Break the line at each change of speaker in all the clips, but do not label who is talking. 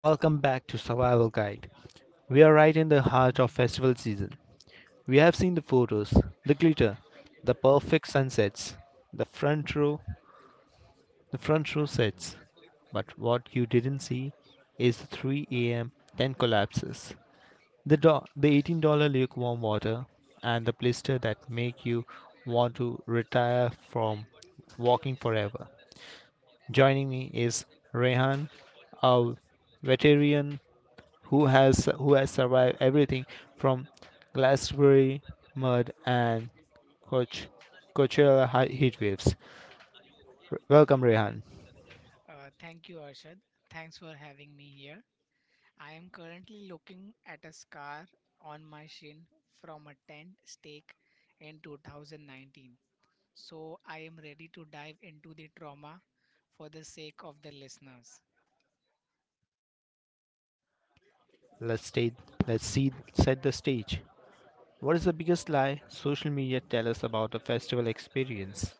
Welcome back to Survival Guide. We are right in the heart of festival season. We have seen the photos, the glitter, the perfect sunsets, the front row, the front row sets. But what you didn't see is the 3 a.m. tent collapses, the $18 lukewarm water, and the blister that make you want to retire from walking forever. Joining me is Rehan, a veteran who has survived everything from Glastonbury mud and Coach, Coachella heat waves. Welcome, Rehan.
Thank you, Arshad. Thanks for having me here. I am currently looking at a scar on my shin from a tent stake in 2019. So I am ready to dive into the trauma for the sake of the listeners.
Let's stay, let's see set the stage. What is the biggest lie social media tell us about a festival experience?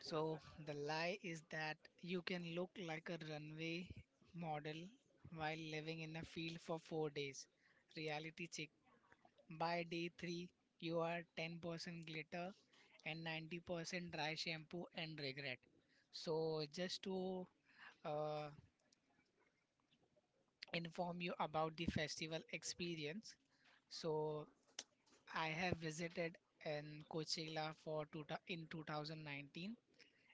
So the lie is that you can look like a runway model while living in a field for 4 days. Reality check. By day 3, you are 10% glitter and 90% dry shampoo and regret. So, just to uh, inform you about the festival experience, so I have visited in Coachella for two, in 2019,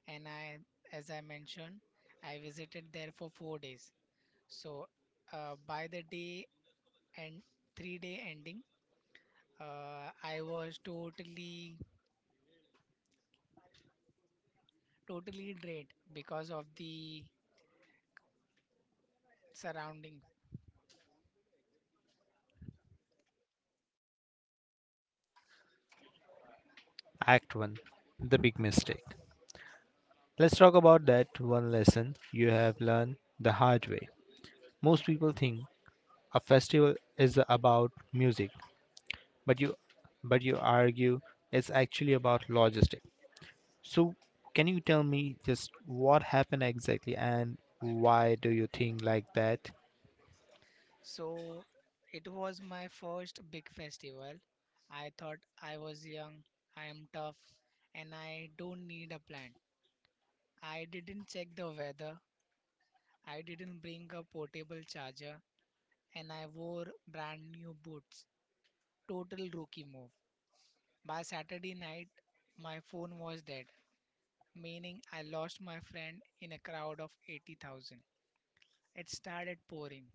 and I, as I mentioned, I visited there for 4 days. So, by the day and 3 day ending, I was totally drained because of the surrounding.
Act 1: The Big Mistake. Let's talk about that one lesson you have learned the hard way. Most people think a festival is about music, but you but you argue it's actually about logistics. So can you tell me just what happened exactly and why do you think like that?
So it was my first big festival. I thought I was young, I am tough, and I don't need a plan. I didn't check the weather, I didn't bring a portable charger, and I wore brand new boots. Total rookie move. By Saturday night, my phone was dead, meaning I lost my friend in a crowd of 80,000. It started pouring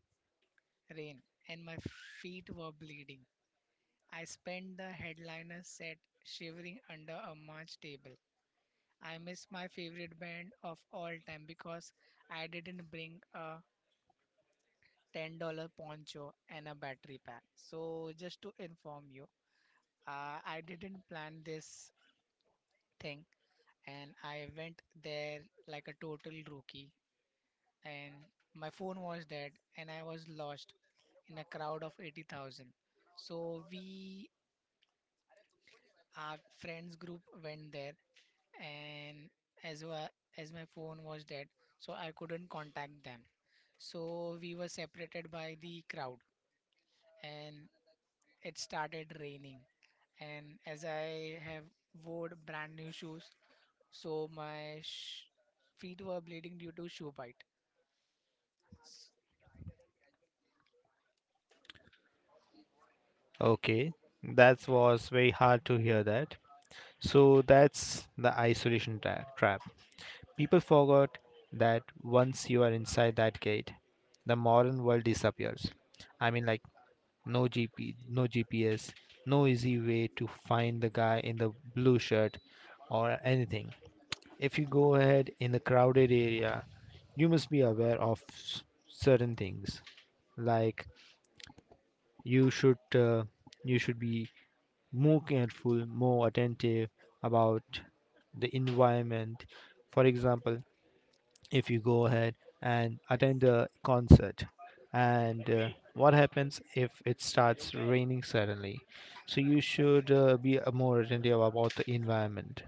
rain, and my feet were bleeding. I spent the headliner set shivering under a March table. I missed my favorite band of all time because I didn't bring a $10 poncho and a battery pack. So, just to inform you, I didn't plan this thing and I went there like a total rookie, and my phone was dead and I was lost in a crowd of 80,000. So we our friends group went there, and as well as my phone was dead, so I couldn't contact them, so we were separated by the crowd. And it started raining, and as I have wore brand new shoes, so feet were bleeding due to shoe bite. S-
Okay, that was very hard to hear that. So that's the isolation trap. People forgot that once you are inside that gate, the modern world disappears. I mean, like, no no GPS, no easy way to find the guy in the blue shirt or anything. If you go ahead in a crowded area, you must be aware of certain things, like you should uh, you should be more careful, more attentive about the environment. For example, if you go ahead and attend a concert, and what happens if it starts raining suddenly? So you should, be, more attentive about the environment.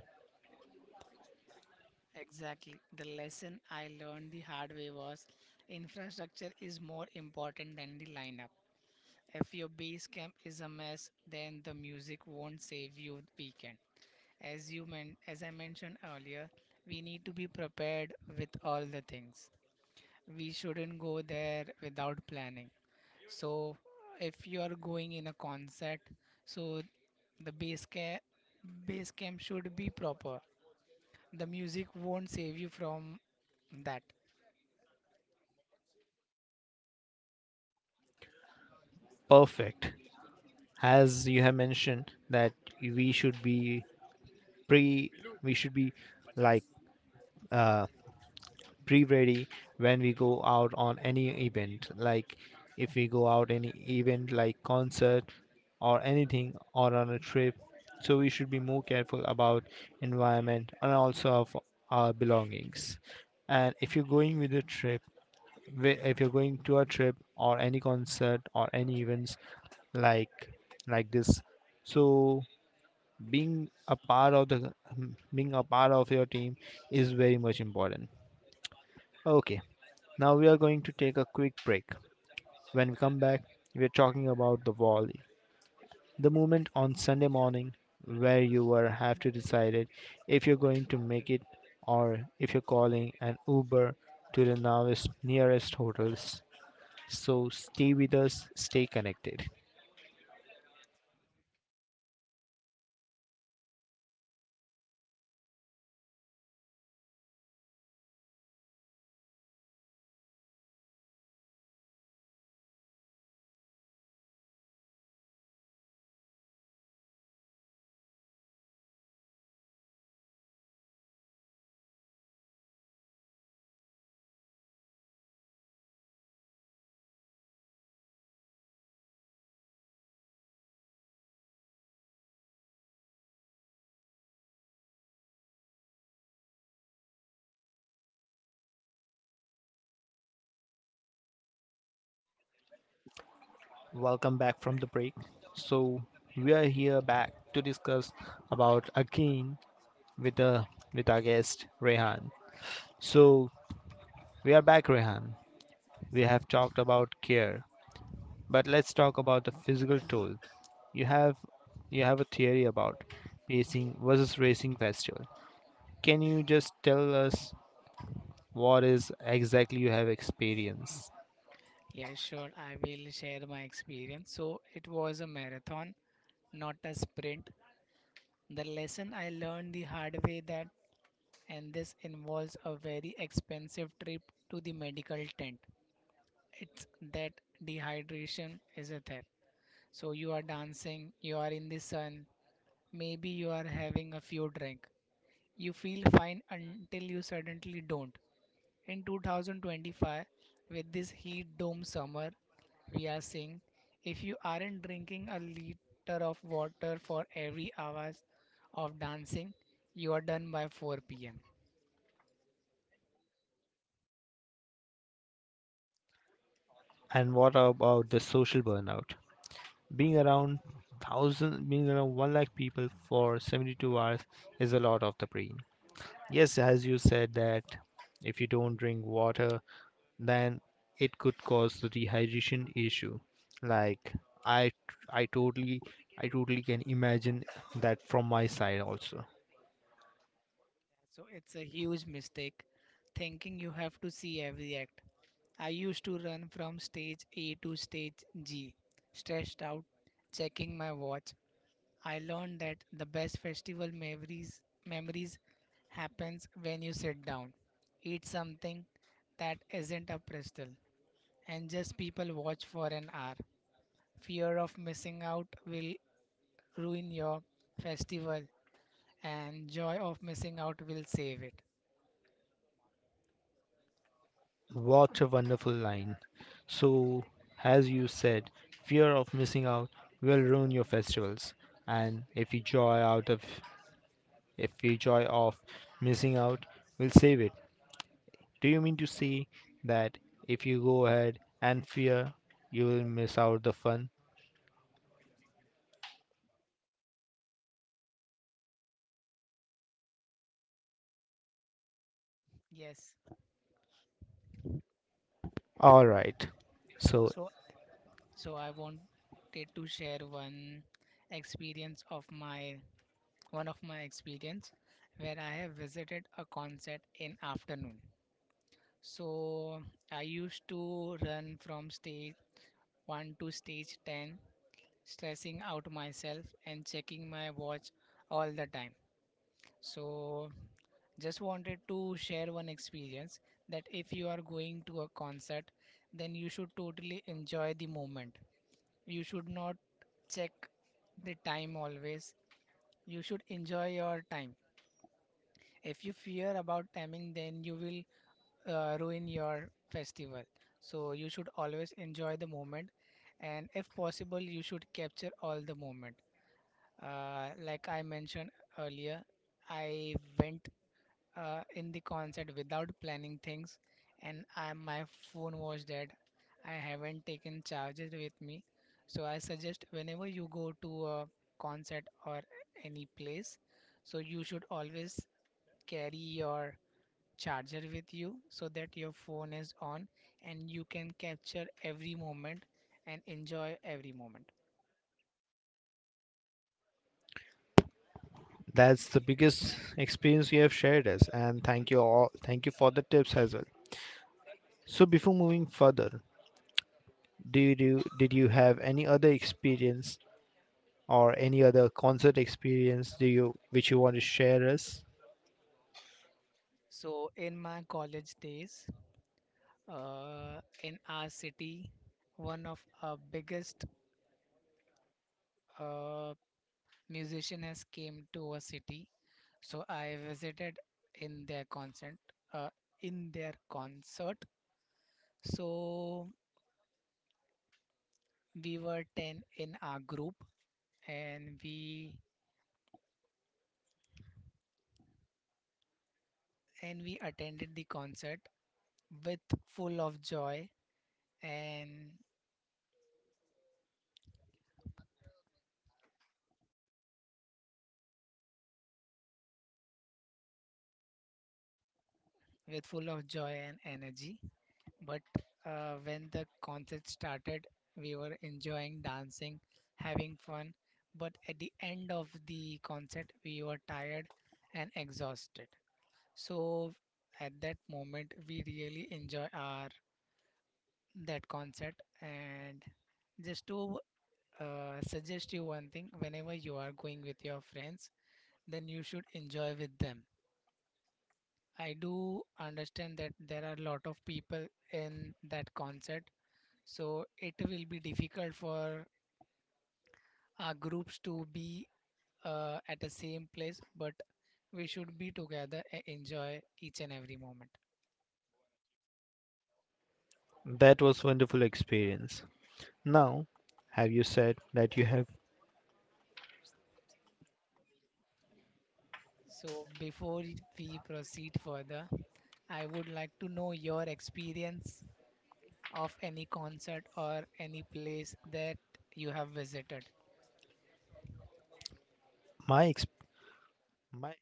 exactly, the lesson I learned the hard way was infrastructure is more important than the lineup. If your base camp is a mess, then the music won't save your weekend. As I mentioned earlier, we need to be prepared with all the things. We shouldn't go there without planning. So if you are going in a concert, so the base camp should be proper. The music won't save you from that.
Perfect. As you have mentioned that we should be pre we should be, like, uh, pre ready when we go out on any event, like if we go out any event like concert or anything or on a trip, so we should be more careful about environment and also of our belongings. And if you're going with a trip, if you're going to a trip or any concert or any events like like this, so being a part of your team is very much important. Okay, now we are going to take a quick break. When we come back, we are talking about the volley, the moment on Sunday morning where you were have to decide it if you're going to make it or if you're calling an Uber to the nearest hotels. So stay with us, stay connected. Welcome back from the break. So we are here back to discuss about again with the with our guest Rehan. So we are back, Rehan. We have talked about care, but let's talk about the physical toll. You have you have a theory about pacing versus racing festival. Can you just tell us what is exactly you have experienced,
Yeah, sure. I will share my experience. So it was a marathon, not a sprint. The lesson I learned the hard way, that, and this involves a very expensive trip to the medical tent, it's that dehydration is a theft. So you are dancing, you are in the sun, maybe you are having a few drink. You feel fine until you suddenly don't. In 2025, with this heat dome summer, we are seeing if you aren't drinking a liter of water for every hours of dancing, you are done by 4 pm.
and what about the social burnout? Being around thousand, being around one lakh people for 72 hours is a lot of the brain. Yes, as you said that if you don't drink water then it could cause the dehydration issue. Like I, I totally, I totally can imagine that from my side also.
So it's a huge mistake thinking you have to see every act. I used to run from stage A to stage G, stressed out, checking my watch. I learned that the best festival memories happens when you sit down, eat something that isn't a pretzel, and just people watch for an hour. Fear of missing out will ruin your festival, and joy of missing out will save it.
What a wonderful line. So, as you said, fear of missing out will ruin your festivals, and if you joy out of, if you joy of missing out, will save it. Do you mean to say that if you go ahead and fear, you will miss out the fun?
Yes.
All right. So
So so I wanted to share one experience of my one of my experience where I have visited a concert in afternoon. So I used to run from stage 1 to stage 10, stressing out myself and checking my watch all the time. So just wanted to share one experience that if you are going to a concert, then you should totally enjoy the moment. You should not check the time always. You should enjoy your time. If you fear about timing, then you will ruin your festival. So you should always enjoy the moment, and if possible, you should capture all the moment. Like I mentioned earlier, I went in the concert without planning things, and I, my phone was dead. I haven't taken charger with me, so I suggest whenever you go to a concert or any place, so you should always carry your charger with you so that your phone is on and you can capture every moment and enjoy every moment.
that's the biggest experience you have shared us, and thank you all. Thank you for the tips as well. So before moving further, did you have any other experience or any other concert experience do you which you want to share us?
So, in my college days, in our city, one of our biggest uh, musician has came to our city. So I visited in their concert, uh, in their concert. So we were 10 in our group, and we attended the concert with full of joy and with full of joy and energy. But when the concert started, we were enjoying, dancing, having fun, but at the end of the concert we were tired and exhausted. So at that moment we really enjoy our that concert. And just to suggest you one thing, whenever you are going with your friends, then you should enjoy with them. I do understand that there are a lot of people in that concert, so it will be difficult for our groups to be at the same place, but we should be together and enjoy each and every moment.
That was wonderful experience. Now, have you said that you have
So, before we proceed further, I would like to know your experience of any concert or any place that you have visited.
my ex my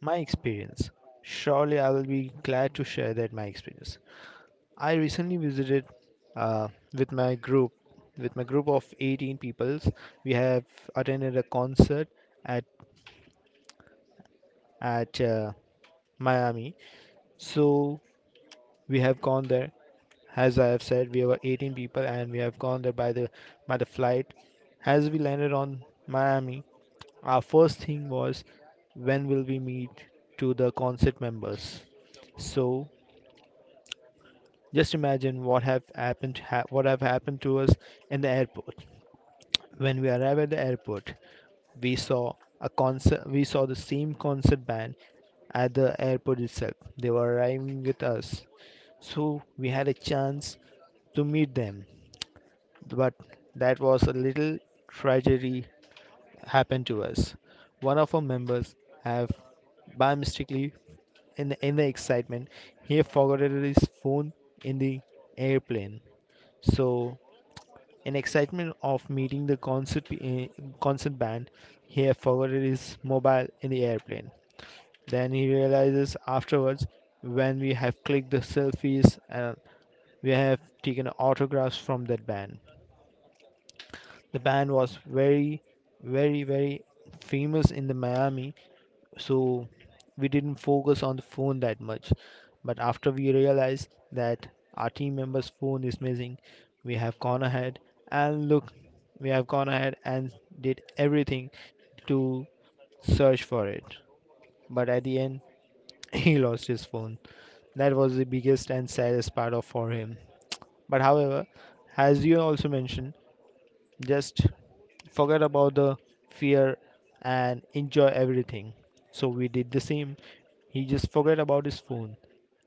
my experience? Surely I will be glad to share that my experience. I recently visited, uh, with my group, with my group of 18 peoples. We have attended a concert at at Miami. So we have gone there. As I have said, we were 18 people, and we have gone there by the flight. As we landed on Miami, our first thing was when will we meet to the concert members. So just imagine what have happened to us in the airport. When we arrived at the airport, we saw a concert. We saw the same concert band at the airport itself. They were arriving with us, so we had a chance to meet them. But that was a little tragedy happened to us. One of our members have by mistakenly in the excitement he forgot his phone in the airplane. So in excitement of meeting the concert band, he had forgotten his mobile in the airplane. Then he realizes afterwards when we have clicked the selfies and we have taken autographs from that band. The band was very, very, very famous in the Miami, so we didn't focus on the phone that much. But after we realized that our team member's phone is missing, we have gone ahead and look, we have gone ahead and did everything to search for it. But at the end, he lost his phone. That was the biggest and saddest part of for him. But however, as you also mentioned, just forget about the fear and enjoy everything. So we did the same. He just forget about his phone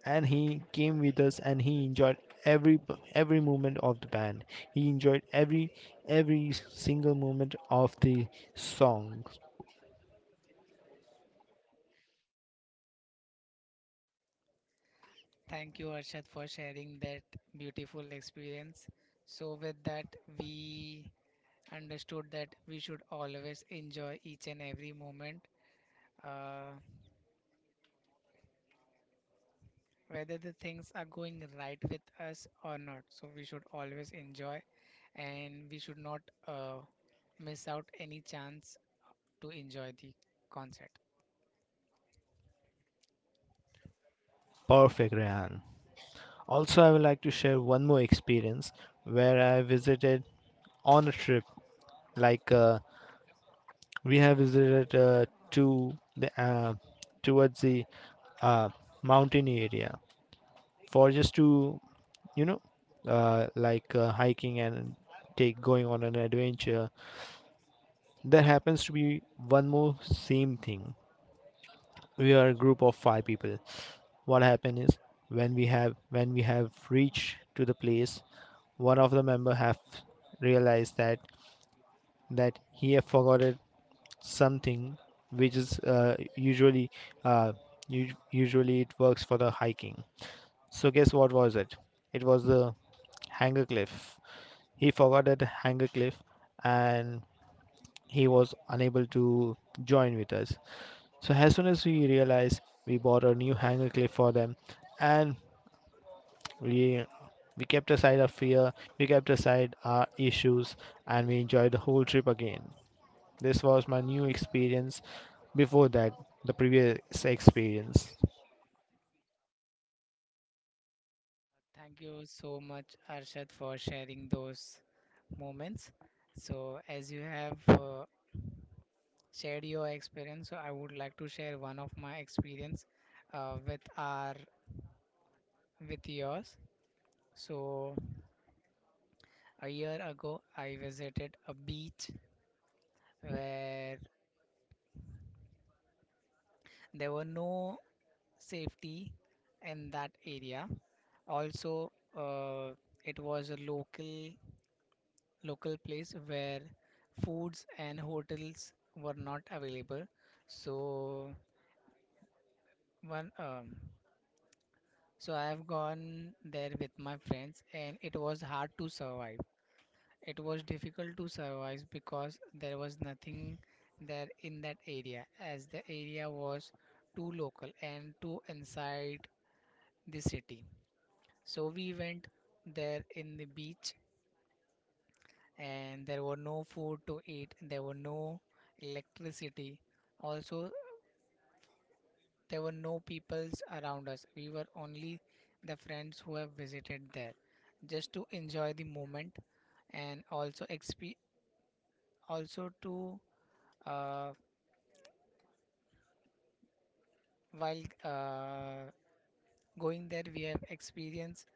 and he came with us and he enjoyed every every moment of the band. He enjoyed every single moment of the song.
Thank you, Arshad, for sharing that beautiful experience. So, with that, we understood that we should always enjoy each and every moment, uh, whether the things are going right with us or not. So, we should always enjoy and we should not uh, miss out any chance to enjoy the concert.
Perfect, Rehan. Also, I would like to share one more experience where I visited on a trip. Like, we have visited, to the towards the, uh, mountain area, for just to, you know like, hiking and take going on an adventure. There happens to be one more same thing. We are a group of five people. What happened is when we have reached to the place, one of the member have realized that that he have forgotten something, which is, usually, uh, usually it works for the hiking. So guess what was it? It was the hanger cliff. He forgot at Hangercliff, and he was unable to join with us. So as soon as we realized, we bought a new Hangercliff for them, and we we kept aside our fear, we kept aside our issues, and we enjoyed the whole trip again. This was my new experience before that, the previous experience.
Thank you so much, Arshad, for sharing those moments. So, as you have shared your experience, so I would like to share one of my experience with our with yours. So a year ago I visited a beach where there were no safety in that area. Also, uh, it was a local place where foods and hotels were not available. So one so I have gone there with my friends, and it was hard to survive. It was difficult to survive because there was nothing there in that area, as the area was too local and too inside the city. So we went there in the beach, and there were no food to eat, there were no electricity. Also, there were no peoples around us. We were only the friends who have visited there, just to enjoy the moment. And also to, uh, while going there, we have experience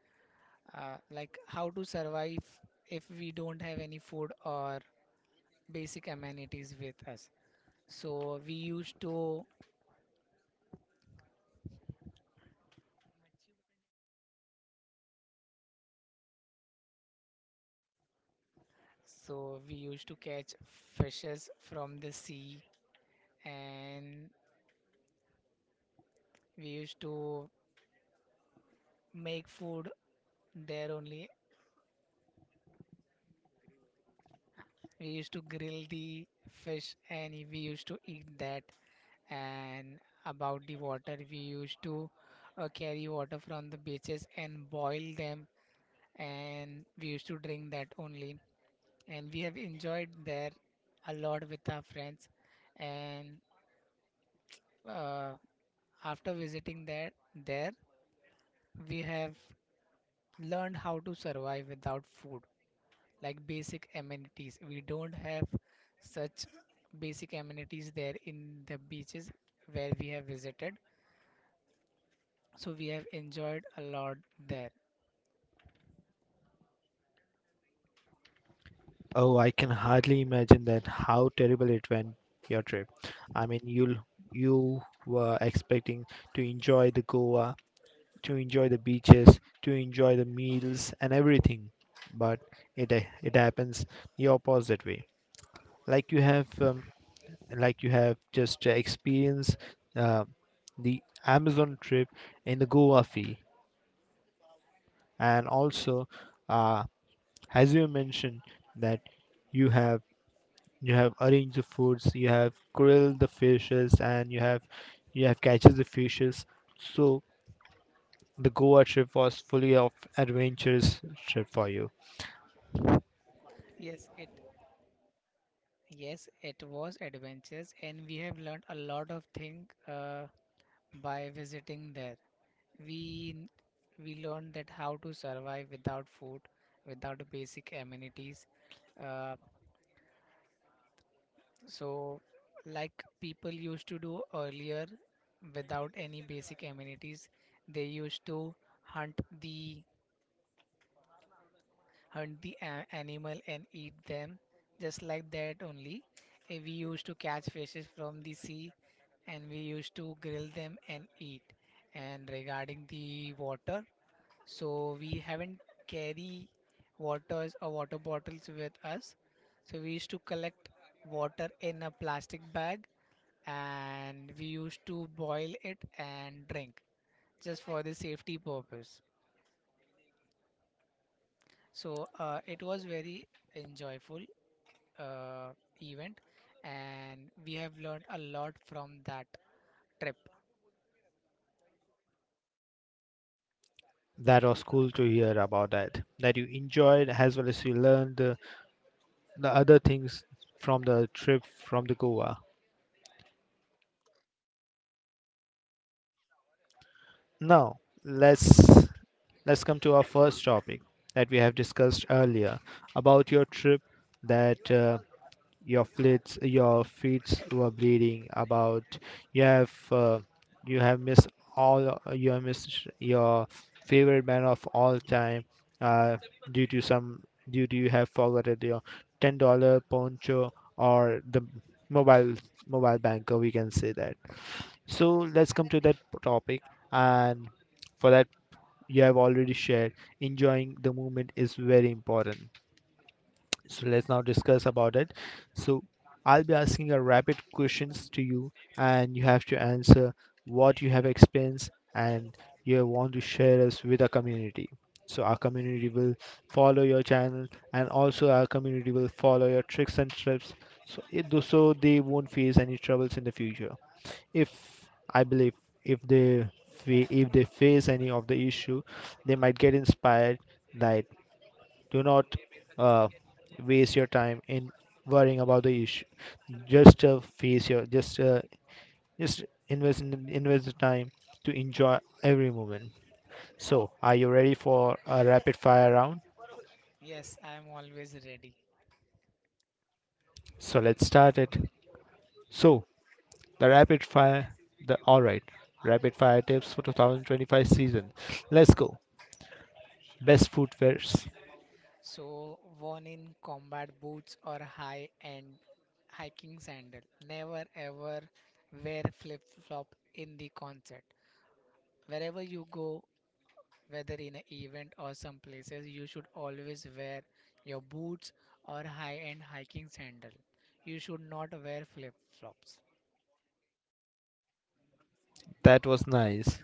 like how to survive if we don't have any food or basic amenities with us. So we used to so we used to catch fishes from the sea, and we used to make food there only. We used to grill the fish and we used to eat that. And about the water, we used to carry water from the beaches and boil them, and we used to drink that only. And we have enjoyed there a lot with our friends. And uh, after visiting there, we have learned how to survive without food, like basic amenities. We don't have such basic amenities there in the beaches where we have visited. So we have enjoyed a lot there.
Oh, I can hardly imagine that how terrible it went your trip. I mean, you were expecting to enjoy the Goa, to enjoy the beaches, to enjoy the meals and everything. But it it happens the opposite way. Like you have um, like you have just experienced, uh, the Amazon trip in the Goa fee, and also, uh, as you mentioned that you have you have arranged the foods, you have grilled the fishes, and you have catches the fishes. So the Goa trip was fully of adventurous trip for you.
Yes, it yes, it was adventures, and we have learned a lot of things by visiting there. We we learned that how to survive without food, without basic amenities. uh, So, like people used to do earlier without any basic amenities, they used to hunt the animal and eat them just like that only. We used to catch fishes from the sea, and we used to grill them and eat. And regarding the water, so we haven't carry waters or water bottles with us. So we used to collect water in a plastic bag, and we used to boil it and drink, just for the safety purpose. So it was very enjoyable uh, event, and we have learned a lot from that trip.
That was cool to hear about that. That you enjoyed as well as you learned the other things from the trip from the Goa. Now let's let's come to our first topic that we have discussed earlier about your trip that, your feet were bleeding about. You have, uh, you have missed all. You have missed your favorite man of all time, uh, due to some, due to you have forgotten your $10 poncho or the mobile mobile banker. We can say that. So let's come to that topic, and for that you have already shared. Enjoying the movement is very important. So let's now discuss about it. So I'll be asking a rapid questions to you, and you have to answer what you have experienced and you want to share us with our community. So our community will follow your channel, and also our community will follow your tricks and tips. So they won't face any troubles in the future. If I believe, if they face any of the issue, they might get inspired that do not, uh, waste your time in worrying about the issue, just face your just invest invest the time to enjoy every moment. So are you ready for a rapid fire round?
Yes, I am always ready.
So let's start it. So the rapid fire the all right, rapid fire tips for 2025 season. Let's go. Best footwears?
So worn in combat boots or high-end hiking sandal. Never ever wear flip-flop in the concert. Wherever you go, whether in an event or some places, you should always wear your boots or high-end hiking sandal. You should not wear flip-flops.
That was nice.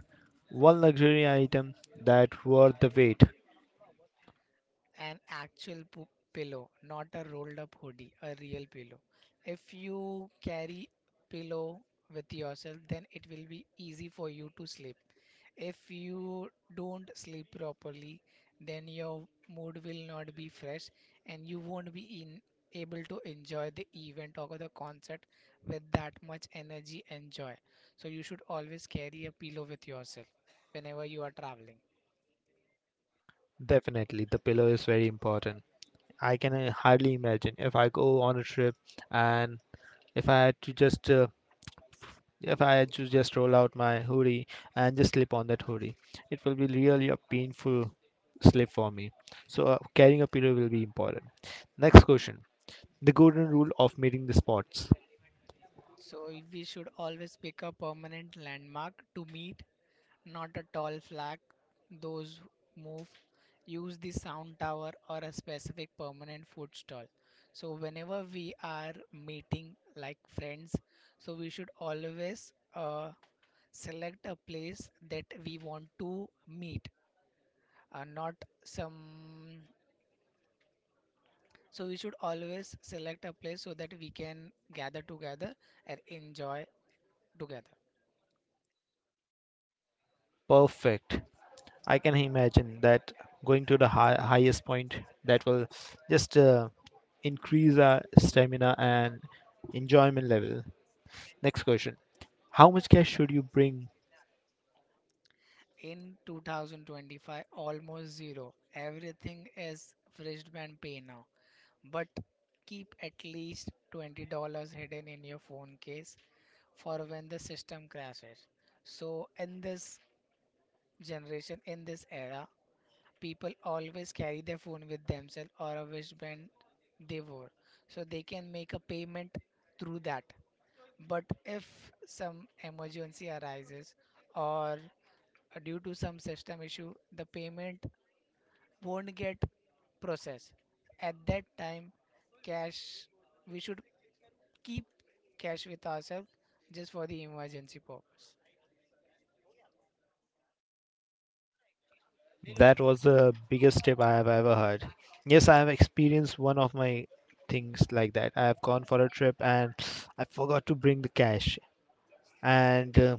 One luxury item that worth the wait?
An pillow, not a rolled up hoodie, a real pillow. If you carry pillow with yourself, then it will be easy for you to sleep. If you don't sleep properly, then your mood will not be fresh, and you won't be able to enjoy the event or the concert with that much energy and joy. So you should always carry a pillow with yourself whenever you are traveling.
Definitely the pillow is very important. I can, hardly imagine if I go on a trip, and if I had to just if I had to just roll out my hoodie and just slip on that hoodie, it will be really a painful slip for me. So, carrying a pillow will be important. Next question: the golden rule of meeting the spots.
So if we should always pick a permanent landmark to meet, not a tall flag. Those move. Use the sound tower or a specific permanent food stall. So whenever we are meeting like friends, so we should always select a place that we want to meet, not some. So we should always select a place so that we can gather together and enjoy together.
Perfect. I can imagine that going to the highest point, that will just, increase our stamina and enjoyment level. Next question. How much cash should you bring?
In 2025, almost zero. Everything is Freshband Pay now. But keep at least $20 hidden in your phone case for when the system crashes. So, in this generation, in this era, people always carry their phone with themselves or a wristband they wore. So, they can make a payment through that. But if some emergency arises or due to some system issue the payment won't get processed, at that time cash we should keep cash with ourselves just for the emergency purpose.
That was the biggest tip I have ever heard. Yes, I have experienced one of my things like that. I have gone for a trip and I forgot to bring the cash. And,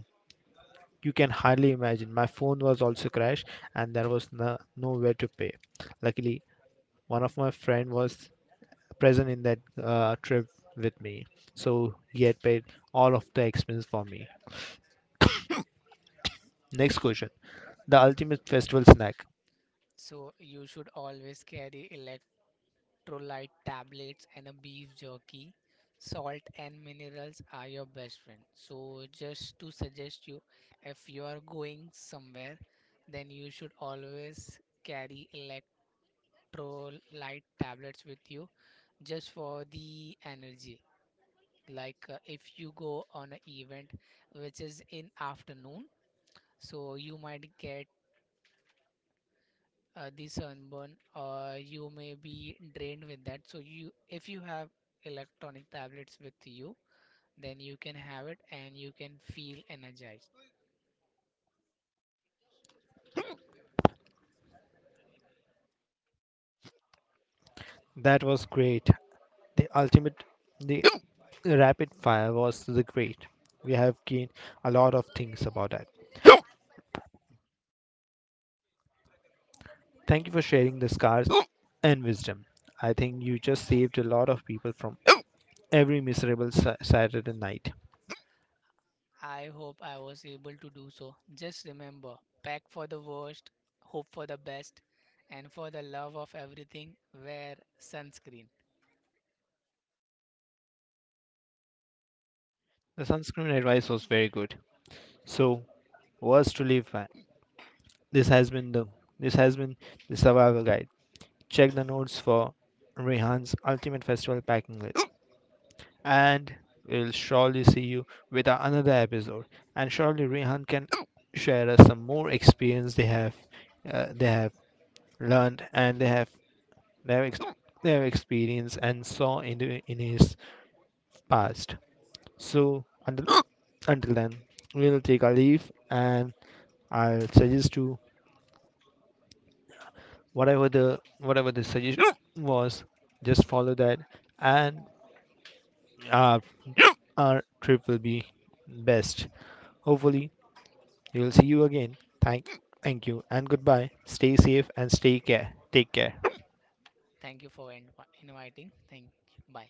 you can hardly imagine, my phone was also crashed and there was no, nowhere to pay. Luckily, one of my friend was present in that, trip with me. So he had paid all of the expenses for me. Next question. The ultimate festival snack.
So you should always carry electrolyte tablets and a beef jerky. Salt and minerals are your best friend. So just to suggest you, if you are going somewhere, then you should always carry elect Pro light tablets with you just for the energy. Like if you go on an event which is in afternoon, so you might get the sunburn or you may be drained with that. So you, if you have electronic tablets with you, then you can have it and you can feel energized.
That was great. The ultimate, the rapid fire was the great. We have gained a lot of things about that. Thank you for sharing the scars and wisdom. I think you just saved a lot of people from every miserable Saturday night.
I hope I was able to do so. Just remember, pack for the worst, hope for the best, and for the love of everything, wear sunscreen.
The sunscreen advice was very good. So, words to live by. This has been the this has been the Survival Guide. Check the notes for Rehan's ultimate festival packing list, and we'll surely see you with another episode. And surely Rehan can share us some more experience they have learned, and they have their ex- their experience and saw in his past. So until until then, we'll take our leave, and I'll suggest to whatever the suggestion was, just follow that, and our our trip will be best, hopefully. We will see you again. Thank you and goodbye. Stay safe and stay care. Take care.
Thank you for inviting. Thank you. Bye.